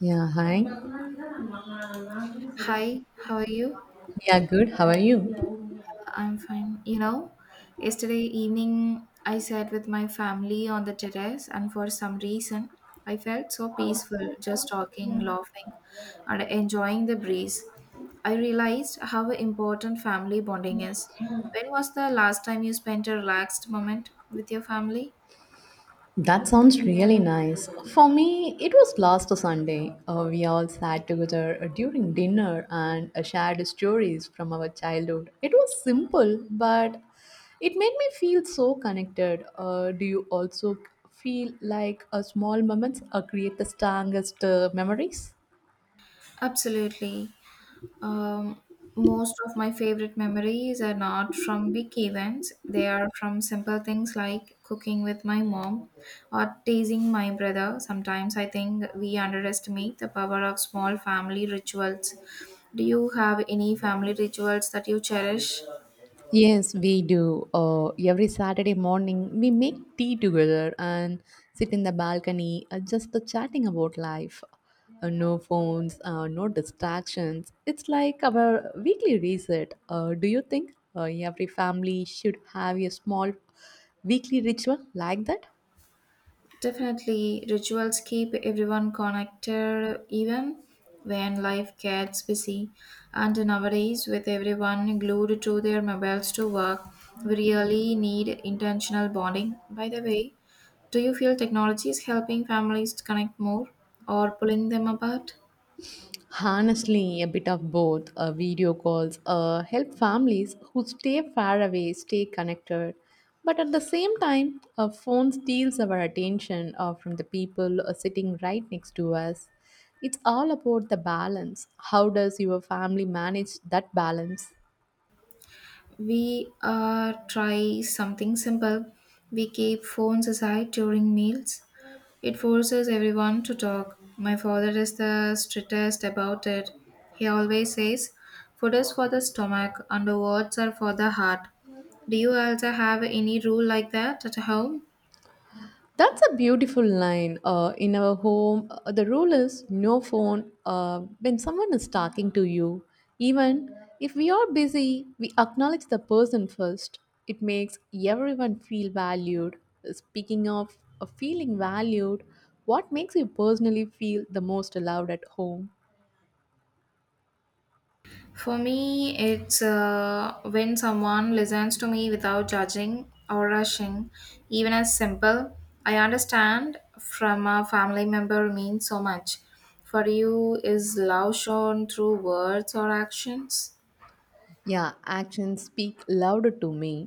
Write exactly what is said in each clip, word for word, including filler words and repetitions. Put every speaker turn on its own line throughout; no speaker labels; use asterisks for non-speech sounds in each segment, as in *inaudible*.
Yeah, hi.
Hi, how are you?
Yeah, good. How are you?
Yeah, I'm fine. You know, yesterday evening I sat with my family on the terrace, and for some reason I felt so peaceful just talking, laughing, and enjoying the breeze. I realized how important family bonding is. When was the last time you spent a relaxed moment with your family?
That sounds really nice. For me, it was last Sunday. Uh, we all sat together uh, during dinner and uh, shared stories from our childhood. It was simple, but it made me feel so connected. Uh, do you also feel like uh, small moments uh, create the strongest uh, memories?
Absolutely. Um, Most of my favorite memories are not from big events, they are from simple things like cooking with my mom or teasing my brother. Sometimes I think we underestimate the power of small family rituals. Do you have any family rituals that you cherish?
Yes, we do. Uh, every Saturday morning, we make tea together and sit in the balcony, uh, just the chatting about life. Uh, no phones, uh, no distractions. It's like our weekly reset. Uh, do you think uh, every family should have a small weekly ritual like that?
Definitely, rituals keep everyone connected even when life gets busy. And nowadays, with everyone glued to their mobiles to work, we really need intentional bonding. By the way, do you feel technology is helping families to connect more or pulling them apart?
Honestly, a bit of both. Uh, video calls uh, help families who stay far away stay connected, but at the same time, a phone steals our attention uh, from the people uh, sitting right next to us. It's all about the balance. How does your family manage that balance?
We uh, try something simple. We keep phones aside during meals. It forces everyone to talk. My father is the strictest about it. He always says, "Food is for the stomach and the words are for the heart." Do you also have any rule like that at home?
That's a beautiful line. Uh, in our home, uh, the rule is no phone uh, when someone is talking to you. Even if we are busy, we acknowledge the person first. It makes everyone feel valued. Speaking of uh, feeling valued, what makes you personally feel the most allowed at home?
For me, it's uh, when someone listens to me without judging or rushing, even as simple. I understand from a family member means so much. For you, is love shown through words or actions?
Yeah, actions speak louder to me.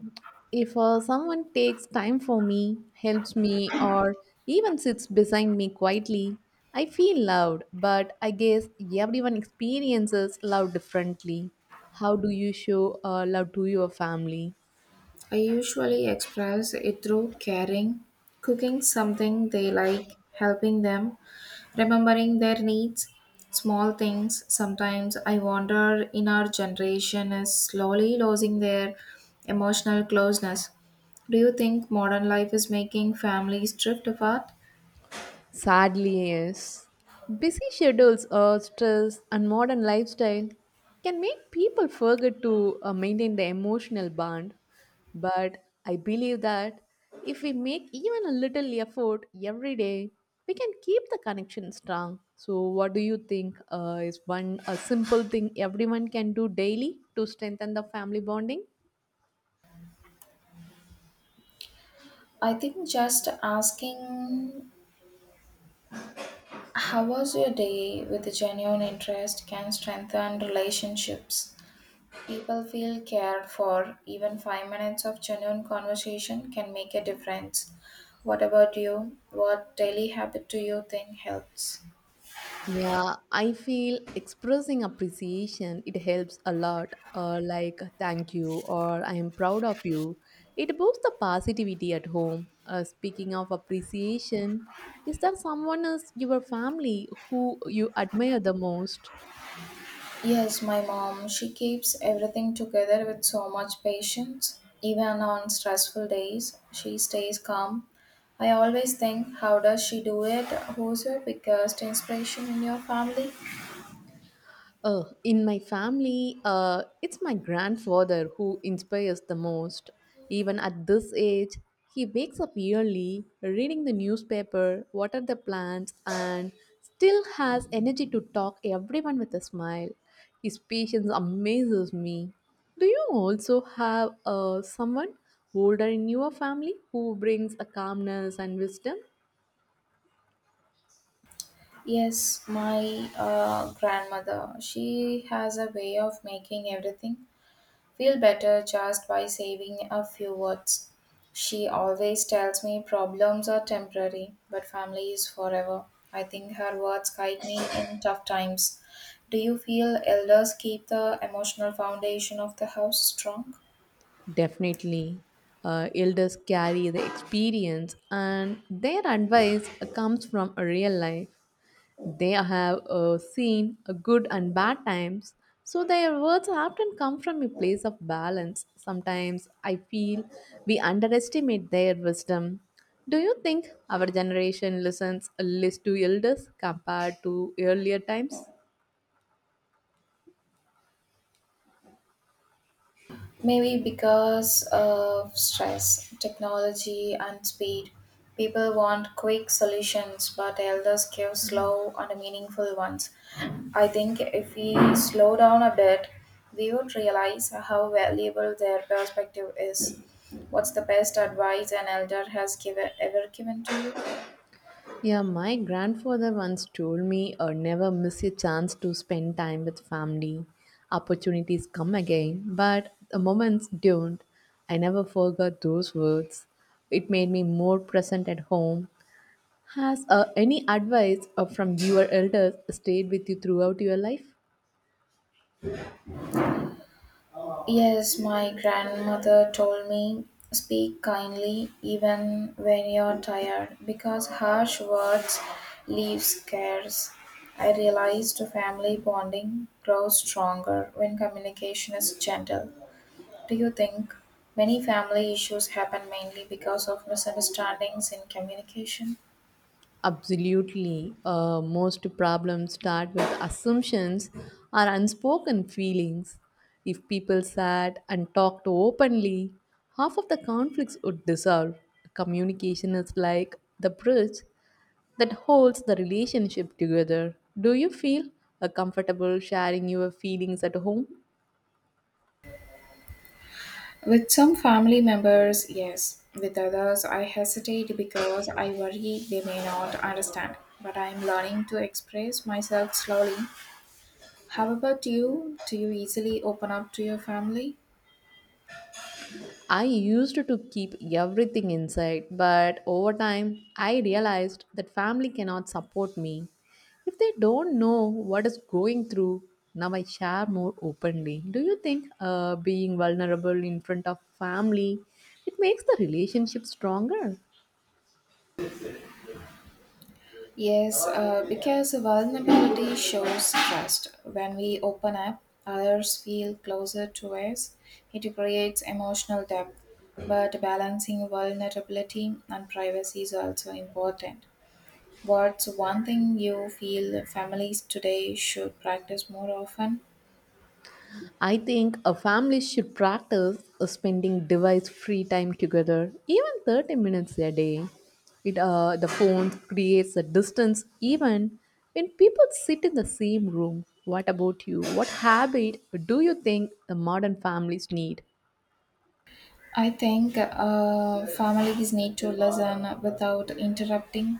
If uh, someone takes time for me, helps me, or even sits beside me quietly, I feel loved, but I guess everyone experiences love differently. How do you show uh, love to your family?
I usually express it through caring, cooking something they like, helping them, remembering their needs, small things. Sometimes I wonder in our generation is slowly losing their emotional closeness. Do you think modern life is making families drift apart?
Sadly, yes. Busy schedules, uh, stress, and modern lifestyle can make people forget to uh, maintain the emotional bond. But I believe that if we make even a little effort every day, we can keep the connection strong. So, what do you think uh, is one a simple thing everyone can do daily to strengthen the family bonding?
I think just asking how was your day with a genuine interest can strengthen relationships. People feel cared for. Even five minutes of genuine conversation can make a difference. What about you? What daily habit do you think helps?
Yeah, I feel expressing appreciation, it helps a lot, uh, like thank you or I am proud of you. It boosts the positivity at home. Uh, speaking of appreciation, is there someone else, your family, who you admire the most?
Yes, my mom. She keeps everything together with so much patience. Even on stressful days, she stays calm. I always think, how does she do it? Who's your biggest inspiration in your family?
Oh, in my family, uh, it's my grandfather who inspires the most. Even at this age, he wakes up early, reading the newspaper, water the plants, and still has energy to talk everyone with a smile. His patience amazes me. Do you also have uh, someone older in your family who brings a calmness and wisdom?
Yes, my uh, grandmother. She has a way of making everything feel better just by saving a few words. She always tells me problems are temporary, but family is forever. I think her words guide me in tough times. Do you feel elders keep the emotional foundation of the house strong?
Definitely. Uh, elders carry the experience, and their advice comes from a real life. They have uh, seen a good and bad times, so their words often come from a place of balance. Sometimes I feel we underestimate their wisdom. Do you think our generation listens less to elders compared to earlier times?
Maybe because of stress, technology, and speed. People want quick solutions, but elders give slow and meaningful ones. I think if we slow down a bit, we would realize how valuable their perspective is. What's the best advice an elder has given, ever given to you?
Yeah, my grandfather once told me, uh, never miss a chance to spend time with family. Opportunities come again, but the moments don't. I never forgot those words. It made me more present at home. Has uh, any advice uh, from your elders stayed with you throughout your life?
Yes, my grandmother told me, speak kindly even when you're tired, because harsh words leave scars. I realized family bonding grows stronger when communication is gentle. Do you think many family issues happen mainly because of misunderstandings in communication?
Absolutely. Uh, most problems start with assumptions or unspoken feelings. If people sat and talked openly, half of the conflicts would dissolve. Communication is like the bridge that holds the relationship together. Do you feel uh, comfortable sharing your feelings at home?
With some family members, yes. With others, I hesitate because I worry they may not understand. But I am learning to express myself slowly. How about you? Do you easily open up to your family?
I used to keep everything inside, but over time I realized that family cannot support me if they don't know what is going through. Now I share more openly. Do you think uh, being vulnerable in front of family it makes the relationship stronger?
Yes, uh, because vulnerability shows trust. When we open up, others feel closer to us. It creates emotional depth. But balancing vulnerability and privacy is also important. What's one thing you feel families today should practice more often?
I think a family should practice uh, spending device free time together, even thirty minutes a day. It, uh, the phone creates a distance even when people sit in the same room. What about you? What habit do you think the modern families need?
I think uh, families need to listen without interrupting.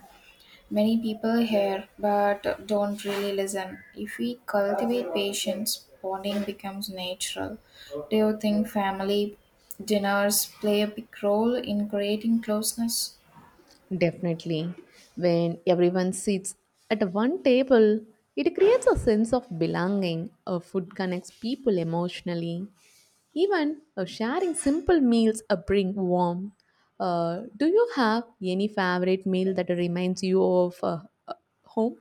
Many people hear but don't really listen. If we cultivate patience, bonding becomes natural. Do you think family dinners play a big role in creating closeness?
Definitely. When everyone sits at one table, it creates a sense of belonging. A food connects people emotionally. Even uh, sharing simple meals uh, bring warmth. Uh, do you have any favorite meal that reminds you of uh, uh, home?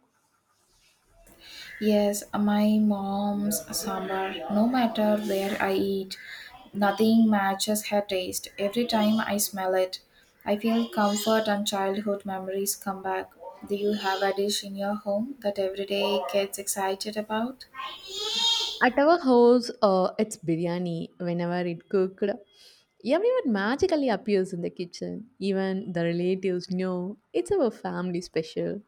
Yes, my mom's sambar. No matter where I eat, nothing matches her taste. Every time I smell it, I feel comfort and childhood memories come back. Do you have a dish in your home that every day gets excited about?
At our house, uh, it's biryani whenever it cooked. Everyone magically appears in the kitchen. Even the relatives know it's our family special.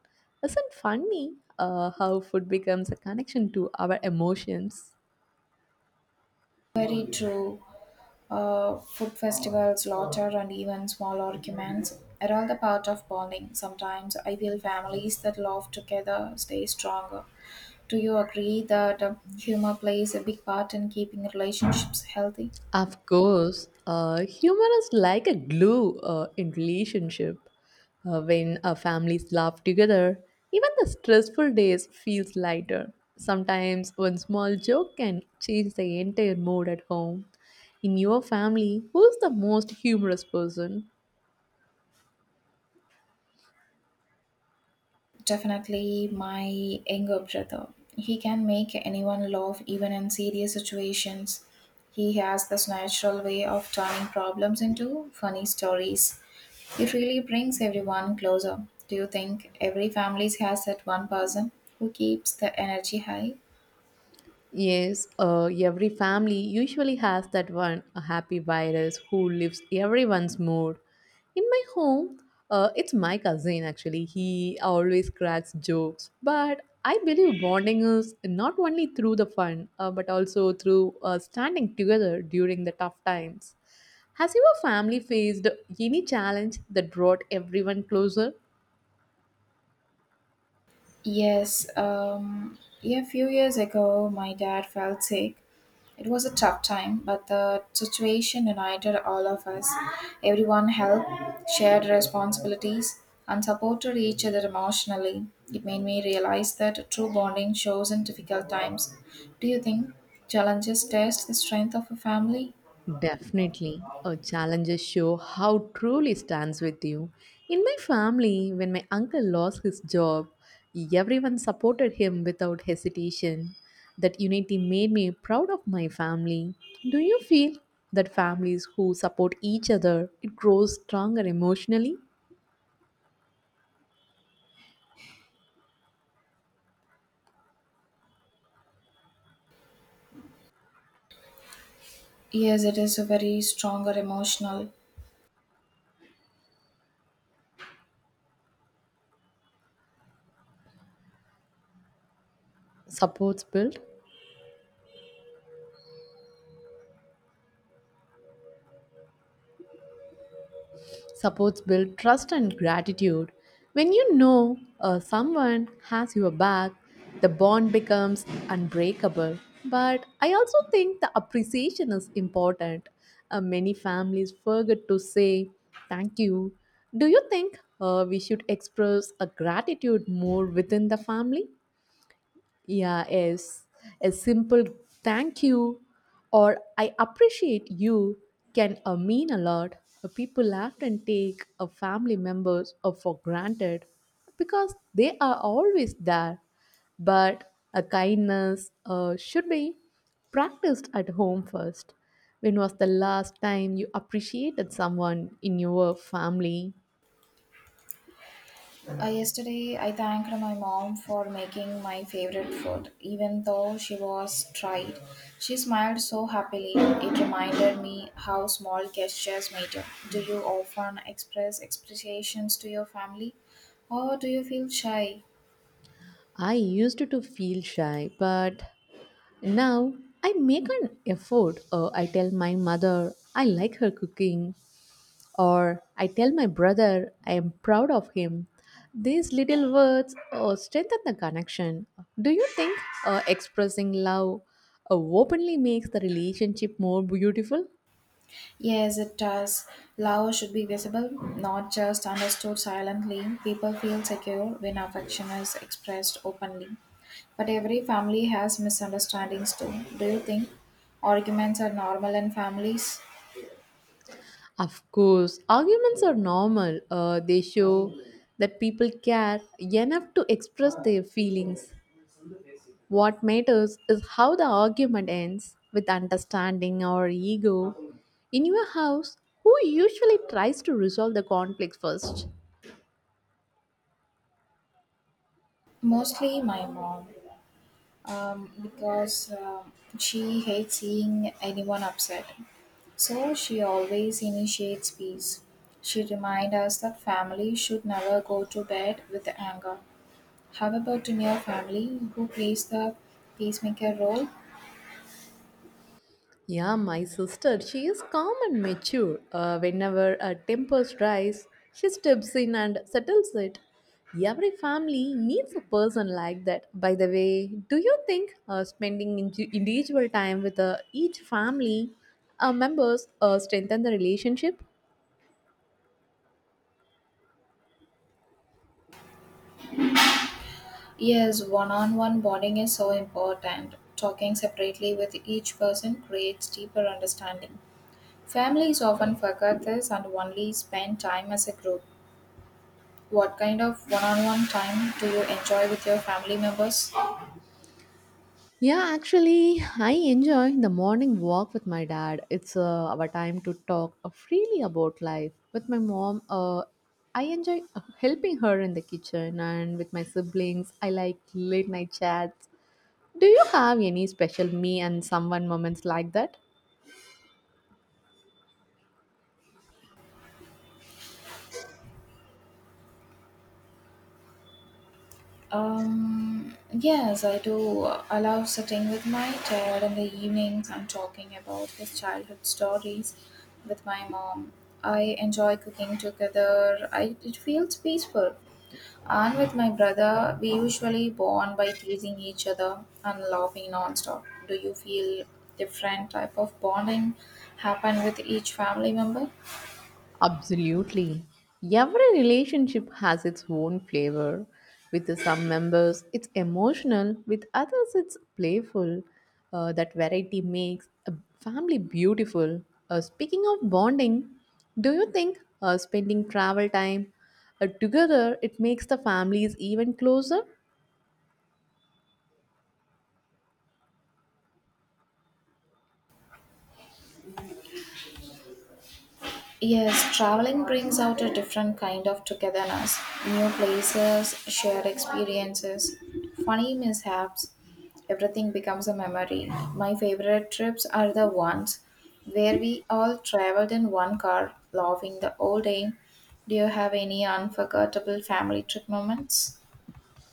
Isn't funny uh, how food becomes a connection to our emotions?
Very true. Uh, food festivals, laughter, and even small arguments are all the part of bonding. Sometimes I feel families that laugh together stay stronger. Do you agree that uh, humor plays a big part in keeping relationships healthy?
Of course, uh, humor is like a glue uh, in relationship. Uh, when uh, families laugh together, even the stressful days feels lighter. Sometimes one small joke can change the entire mood at home. In your family, who's the most humorous person?
Definitely, my younger brother. He can make anyone laugh even in serious situations. He has this natural way of turning problems into funny stories. It really brings everyone closer. Do you think every family has that one person who keeps the energy high?
Yes, uh, every family usually has that one a happy virus who lifts everyone's mood. In my home, uh, it's my cousin actually. He always cracks jokes, but I believe bonding is not only through the fun, uh, but also through uh, standing together during the tough times. Has your family faced any challenge that brought everyone closer?
Yes, um, yeah, a few years ago, my dad fell sick. It was a tough time, but the situation united all of us. Everyone helped, shared responsibilities, and supported each other emotionally. It made me realize that true bonding shows in difficult times. Do you think challenges test the strength of a family?
Definitely. Our challenges show how truly stands with you. In my family, when my uncle lost his job, everyone supported him without hesitation. That unity made me proud of my family. Do you feel that families who support each other, it grows stronger emotionally?
Yes, it is a very stronger emotional.
Supports build? Supports build trust and gratitude. When you know uh, someone has your back, the bond becomes unbreakable. But I also think the appreciation is important. Uh, many families forget to say thank you. Do you think uh, we should express a gratitude more within the family? Yeah, yes. A simple thank you or I appreciate you can uh, mean a lot. Uh, People often take a family members uh, for granted because they are always there. But a kindness uh, should be practiced at home first. When was the last time you appreciated someone in your family?
Uh, yesterday, I thanked my mom for making my favorite food, even though she was tried. She smiled so happily. It reminded me how small gestures matter. Do you often express appreciations to your family, or do you feel shy?
I used to feel shy, but now I make an effort. Uh, I tell my mother I like her cooking, or I tell my brother I am proud of him. These little words uh, strengthen the connection. Do you think uh, expressing love uh, openly makes the relationship more beautiful?
Yes, it does. Love should be visible, not just understood silently. People feel secure when affection is expressed openly. But every family has misunderstandings too. Do you think arguments are normal in families?
Of course, arguments are normal. Uh, they show that people care enough to express their feelings. What matters is how the argument ends with understanding or ego. In your house, who usually tries to resolve the conflict first?
Mostly my mom, um, because um, she hates seeing anyone upset. So she always initiates peace. She reminds us that family should never go to bed with anger. How about in your family who plays the peacemaker role?
Yeah, my sister, she is calm and mature. Uh, whenever a tempers rise, she steps in and settles it. Every family needs a person like that. By the way, do you think uh, spending indi- individual time with uh, each family uh, members uh, strengthen the relationship?
Yes, one on one bonding is so important. Talking separately with each person creates deeper understanding. Families often forget this and only spend time as a group. What kind of one on one time do you enjoy with your family members?
Yeah, actually, I enjoy the morning walk with my dad. It's uh, our time to talk uh, freely about life. With my mom, uh, I enjoy uh, helping her in the kitchen, and with my siblings, I like late night chats. Do you have any special me and someone moments like that?
Um, yes, I do allow sitting with my dad in the evenings and talking about his childhood stories with my mom. I enjoy cooking together. I, it feels peaceful. And with my brother, we usually bond by teasing each other and laughing nonstop. Do you feel different type of bonding happen with each family member?
Absolutely. Every relationship has its own flavor. With some members, it's emotional, with others, it's playful. Uh, that variety makes a family beautiful. Uh, speaking of bonding, do you think uh, spending travel time uh, together it makes the families even closer?
Yes, traveling brings out a different kind of togetherness. New places, shared experiences, funny mishaps, everything becomes a memory. My favorite trips are the ones where we all traveled in one car, laughing the whole day. Do you have any unforgettable family trip moments?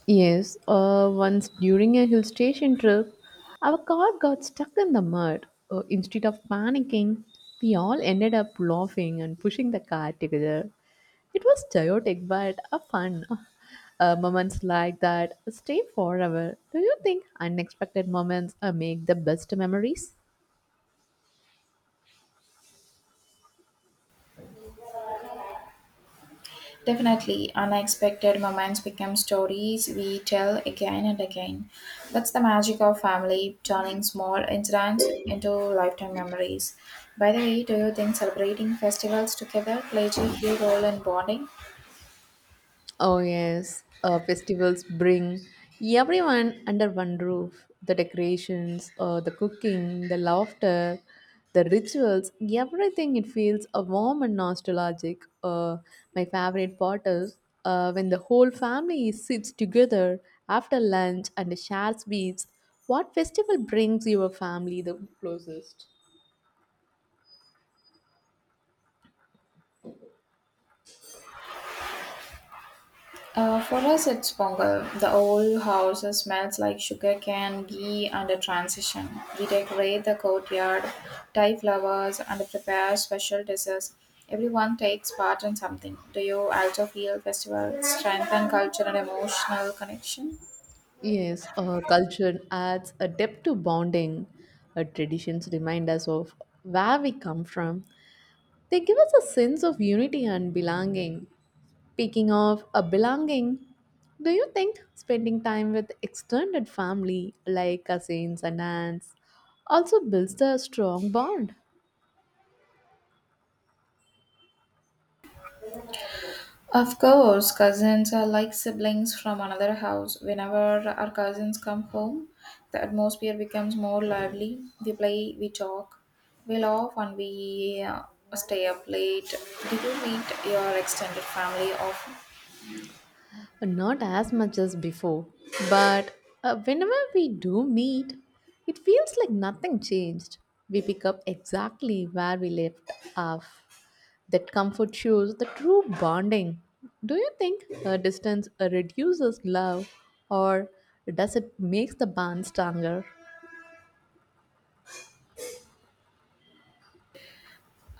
Yes, uh, once during a hill station trip, our car got stuck in the mud. Uh, instead of panicking, we all ended up laughing and pushing the car together. It was chaotic but a fun. *laughs* Uh, moments like that stay forever. Do you think unexpected moments uh, make the best memories?
Definitely, unexpected moments become stories we tell again and again. That's the magic of family, turning small incidents into lifetime memories. By the way, do you think celebrating festivals together plays a key role in bonding?
Oh, yes. Uh, festivals bring everyone under one roof. The decorations, uh, the cooking, the laughter, the rituals, everything. It feels uh, warm and nostalgic. Uh, my favorite part is uh, when the whole family sits together after lunch and shares sweets. What festival brings your family the closest?
Uh, for us, it's Pongal. The old house smells like sugarcane, ghee, and a transition. We decorate the courtyard, tie flowers, and prepare special dishes. Everyone takes part in something. Do you also feel festival strengthen culture and emotional connection?
Yes, uh, culture adds a depth to bonding. Uh, traditions remind us of where we come from. They give us a sense of unity and belonging. Speaking of a belonging, do you think spending time with extended family like cousins and aunts also builds a strong bond?
Of course, cousins are like siblings from another house. Whenever our cousins come home, the atmosphere becomes more lively. We play, we talk, we laugh, and we uh, stay up late. Do you meet your extended family often?
Not as much as before, but uh, whenever we do meet, it feels like nothing changed. We pick up exactly where we left off. That comfort shows the true bonding. Do you think uh, distance uh, reduces love or does it make the bond stronger?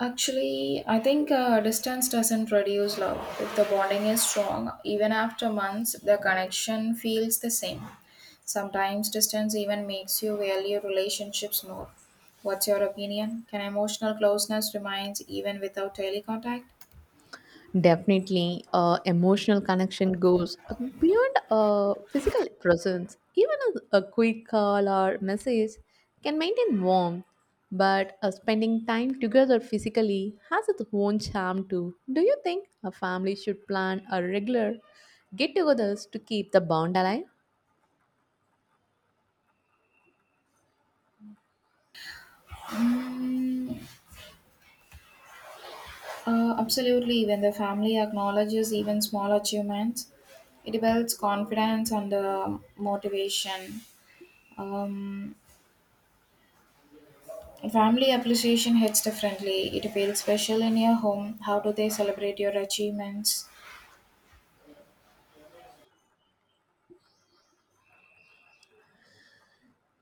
Actually, I think uh, distance doesn't reduce love. If the bonding is strong, even after months, the connection feels the same. Sometimes distance even makes you value relationships more. What's your opinion? Can emotional closeness remains even without daily contact?
Definitely, uh, emotional connection goes beyond uh, physical presence. Even a, a quick call or message can maintain warmth, but uh, spending time together physically has its own charm too. Do you think a family should plan a regular get-togethers to keep the bond alive?
Mm, uh, Absolutely. When the family acknowledges even small achievements, it builds confidence and uh, motivation. Um, Family appreciation hits differently. It feels special in your home. How do they celebrate your achievements?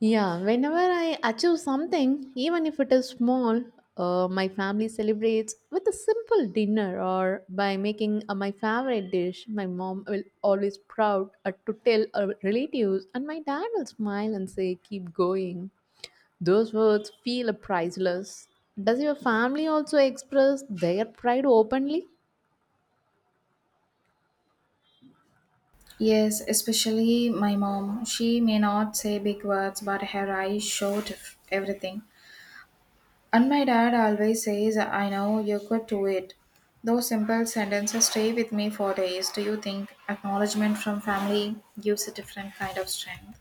Yeah, whenever I achieve something, even if it is small, uh, my family celebrates with a simple dinner or by making uh, my favorite dish. My mom will always proud uh, to tell her relatives, and my dad will smile and say, "Keep going." Those words feel priceless. Does your family also express their pride openly?
Yes, especially my mom. She may not say big words, but her eyes showed f- everything. And my dad always says, "I know you could do it." Those simple sentences stay with me for days. Do you think acknowledgement from family gives a different kind of strength?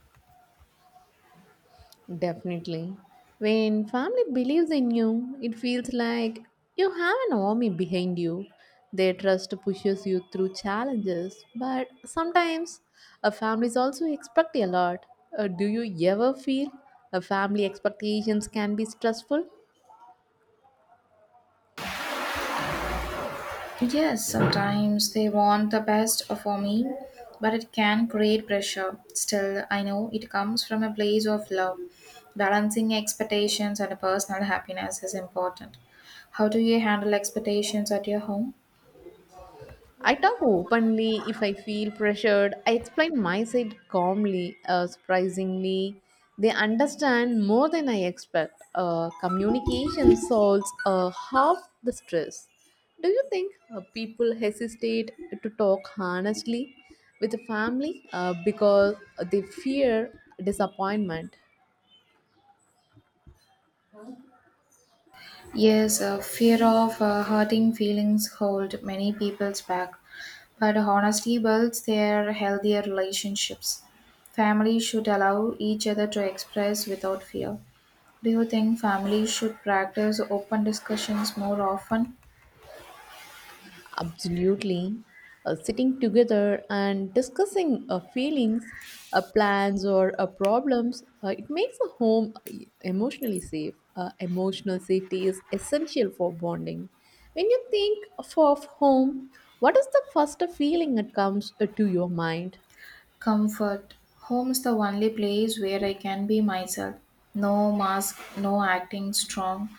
Definitely. When family believes in you, it feels like you have an army behind you. Their trust pushes you through challenges, but sometimes a families also expect a lot. Uh, do you ever feel a family expectations can be stressful?
Yes, sometimes they want the best for me, but it can create pressure. Still, I know it comes from a place of love. Balancing expectations and personal happiness is important. How do you handle expectations at your home?
I talk openly if I feel pressured. I explain my side calmly. Uh, surprisingly, they understand more than I expect. Uh, communication solves uh, half the stress. Do you think uh, people hesitate to talk honestly with the family uh, because they fear disappointment?
Yes, uh, fear of uh, hurting feelings hold many people's back, but honesty builds their healthier relationships. Families should allow each other to express without fear. Do you think families should practice open discussions more often?
Absolutely. Uh, sitting together and discussing uh, feelings, uh, plans, or uh, problems, uh, it makes a home e- emotionally safe. Uh, emotional safety is essential for bonding. When you think of of home, what is the first feeling that comes uh, to your mind?
Comfort. Home is the only place where I can be myself. No mask, no acting strong.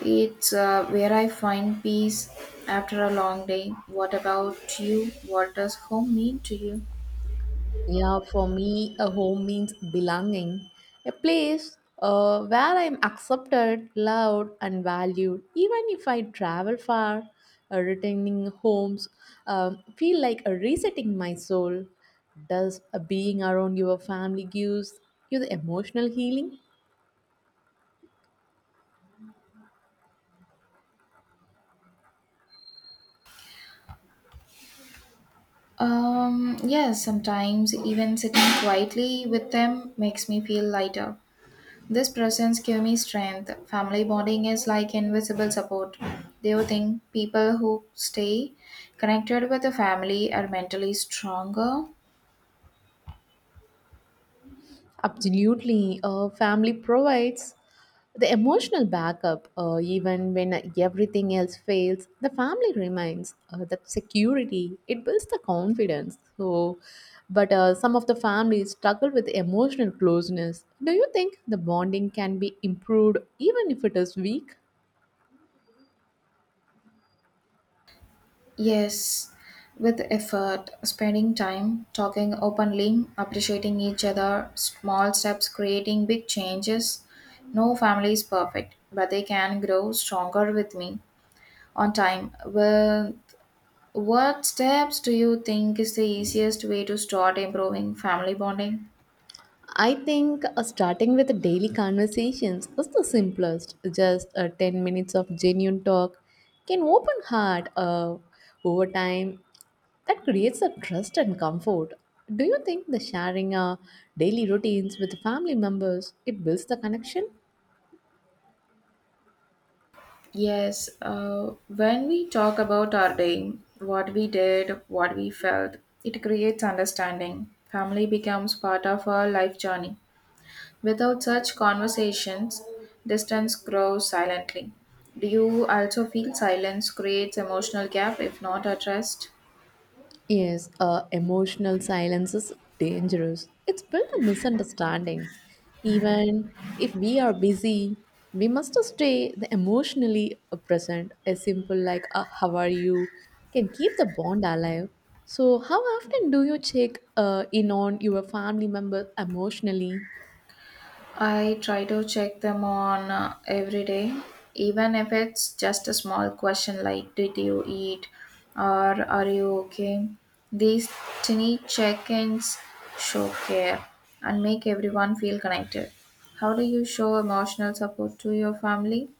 It's uh, where I find peace after a long day. What about you? What does home mean to you?
Yeah, for me, a home means belonging, a place uh, where I'm accepted, loved, and valued. Even if I travel far, uh, returning homes um, feel like a resetting my soul. Does uh, being around your family gives you the emotional healing?
Um, yes, sometimes even sitting quietly with them makes me feel lighter. This presence gives me strength. Family bonding is like invisible support. Do you think people who stay connected with the family are mentally stronger?
Absolutely. Uh, family provides the emotional backup. Uh, even when everything else fails, the family remains. Uh, that security, it builds the confidence. So, but uh, some of the families struggle with emotional closeness. Do you think the bonding can be improved even if it is weak?
Yes, with effort, spending time, talking openly, appreciating each other, small steps creating big changes. No family is perfect, but they can grow stronger with me. On time, with what steps do you think is the easiest way to start improving family bonding?
I think uh, starting with the daily conversations is the simplest. Just uh, ten minutes of genuine talk can open heart uh, over time. That creates a trust and comfort. Do you think the sharing uh, daily routines with family members it builds the connection?
Yes, uh, when we talk about our day, what we did, what we felt, it creates understanding. Family becomes part of our life journey. Without such conversations, distance grows silently. Do you also feel silence creates emotional gap if not addressed?
Yes, uh, emotional silence is dangerous. It's built on misunderstandings. Even if we are busy, we must stay the emotionally present. A simple like uh, "How are you?" can keep the bond alive. So, how often do you check uh, in on your family members emotionally?
I try to check them on uh, every day, even if it's just a small question like did you eat or are you okay? These tiny check-ins show care and make everyone feel connected. How do you show emotional support to your family?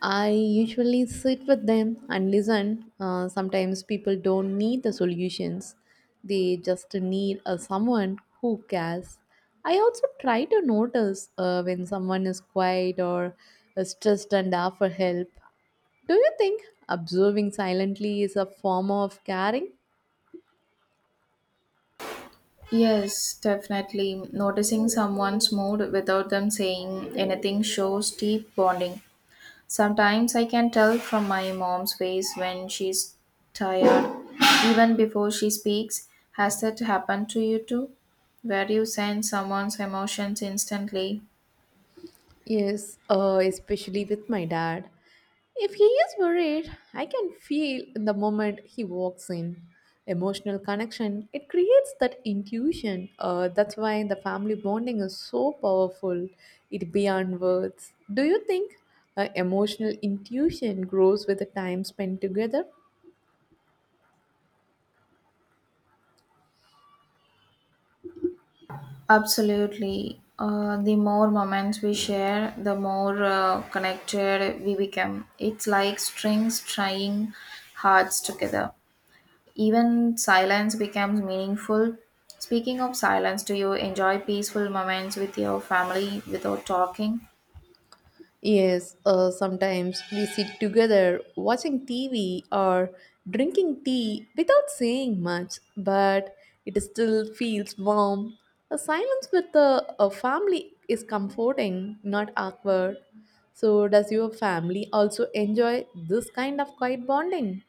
I usually sit with them and listen. Uh, sometimes people don't need the solutions, they just need a someone who cares. I also try to notice uh, when someone is quiet or is stressed and offer help. Do you think observing silently is a form of caring?
Yes, definitely. Noticing someone's mood without them saying anything shows deep bonding. Sometimes I can tell from my mom's face when she's tired, even before she speaks. Has that happened to you too? Where you sense someone's emotions instantly?
Yes, uh, especially with my dad. If he is worried, I can feel in the moment he walks in. Emotional connection, it creates that intuition. Uh, that's why the family bonding is so powerful. It beyond words. Do you think uh, emotional intuition grows with the time spent together?
Absolutely. Uh, the more moments we share, the more uh, connected we become. It's like strings tying hearts together. Even silence becomes meaningful. Speaking of silence, do you enjoy peaceful moments with your family without talking?
Yes, uh, sometimes we sit together watching T V or drinking tea without saying much, but it still feels warm. A silence with the a family is comforting, not awkward. So, does your family also enjoy this kind of quiet bonding?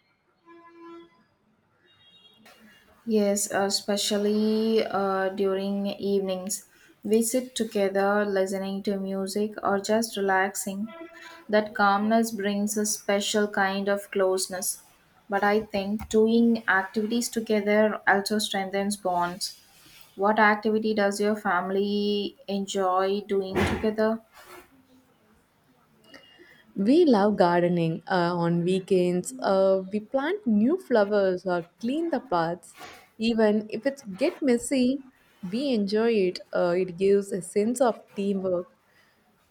Yes, uh, especially uh, during evenings. We sit together listening to music or just relaxing. That calmness brings a special kind of closeness. But I think doing activities together also strengthens bonds. What activity does your family enjoy doing together?
We love gardening uh, on weekends. Uh, we plant new flowers or clean the paths. Even if it get messy, we enjoy it. Uh, it gives a sense of teamwork.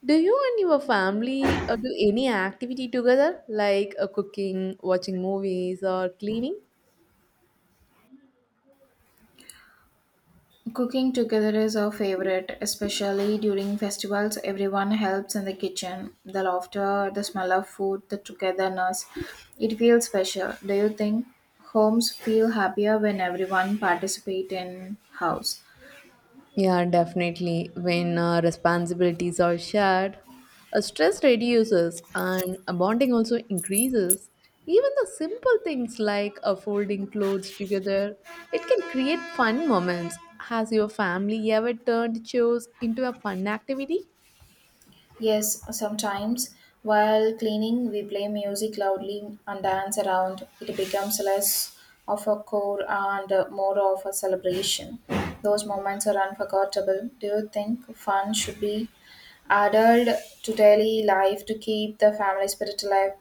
Do you and your family uh, do any activity together, like uh, cooking, watching movies, or cleaning?
Cooking together is our favorite, especially during festivals. Everyone helps in the kitchen. The laughter, the smell of food, the togetherness. It feels special. Do you think homes feel happier when everyone participates in house?
Yeah, definitely. When uh, responsibilities are shared, uh, stress reduces and uh, bonding also increases. Even the simple things like uh, folding clothes together, it can create fun moments. Has your family ever turned chores into a fun activity?
Yes, sometimes while cleaning, we play music loudly and dance around. It becomes less of a chore and uh, more of a celebration. Those moments are unforgettable. Do you think fun should be added to daily life to keep the family spirit alive?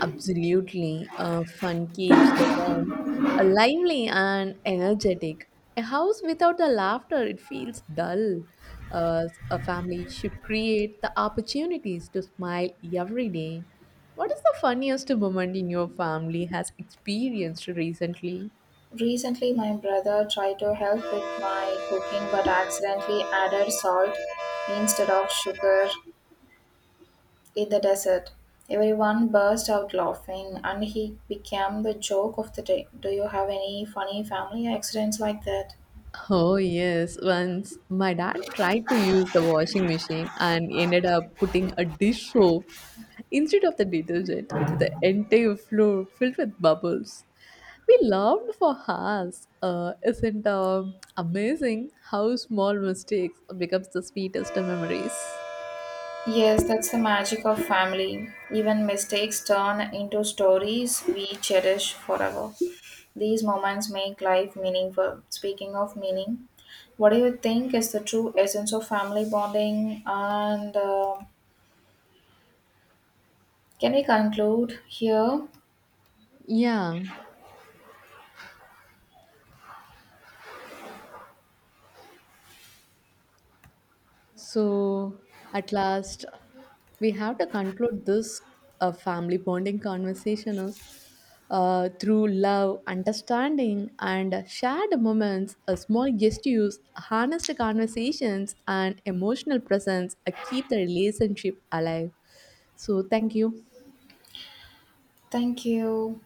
Absolutely. Uh, fun keeps the home uh, lively and energetic. A house without the laughter, it feels dull. Uh, a family should create the opportunities to smile every day. What is the funniest moment in your family has experienced recently?
Recently, my brother tried to help with my cooking but accidentally added salt instead of sugar in the desert. Everyone burst out laughing, and he became the joke of the day. Do you have any funny family accidents like that?
Oh, yes. Once my dad tried to use the washing machine and ended up putting a dish soap instead of the detergent, the entire floor filled with bubbles. We laughed for hours. Uh, isn't um amazing how small mistakes becomes the sweetest memories?
Yes, that's the magic of family. Even mistakes turn into stories we cherish forever. These moments make life meaningful. Speaking of meaning, what do you think is the true essence of family bonding? And uh, can we conclude here?
Yeah. So, at last, we have to conclude this uh, family bonding conversation is, uh, through love, understanding, and shared moments, a small gestures, honest conversations, and emotional presence uh, keep the relationship alive. So, thank you.
Thank you.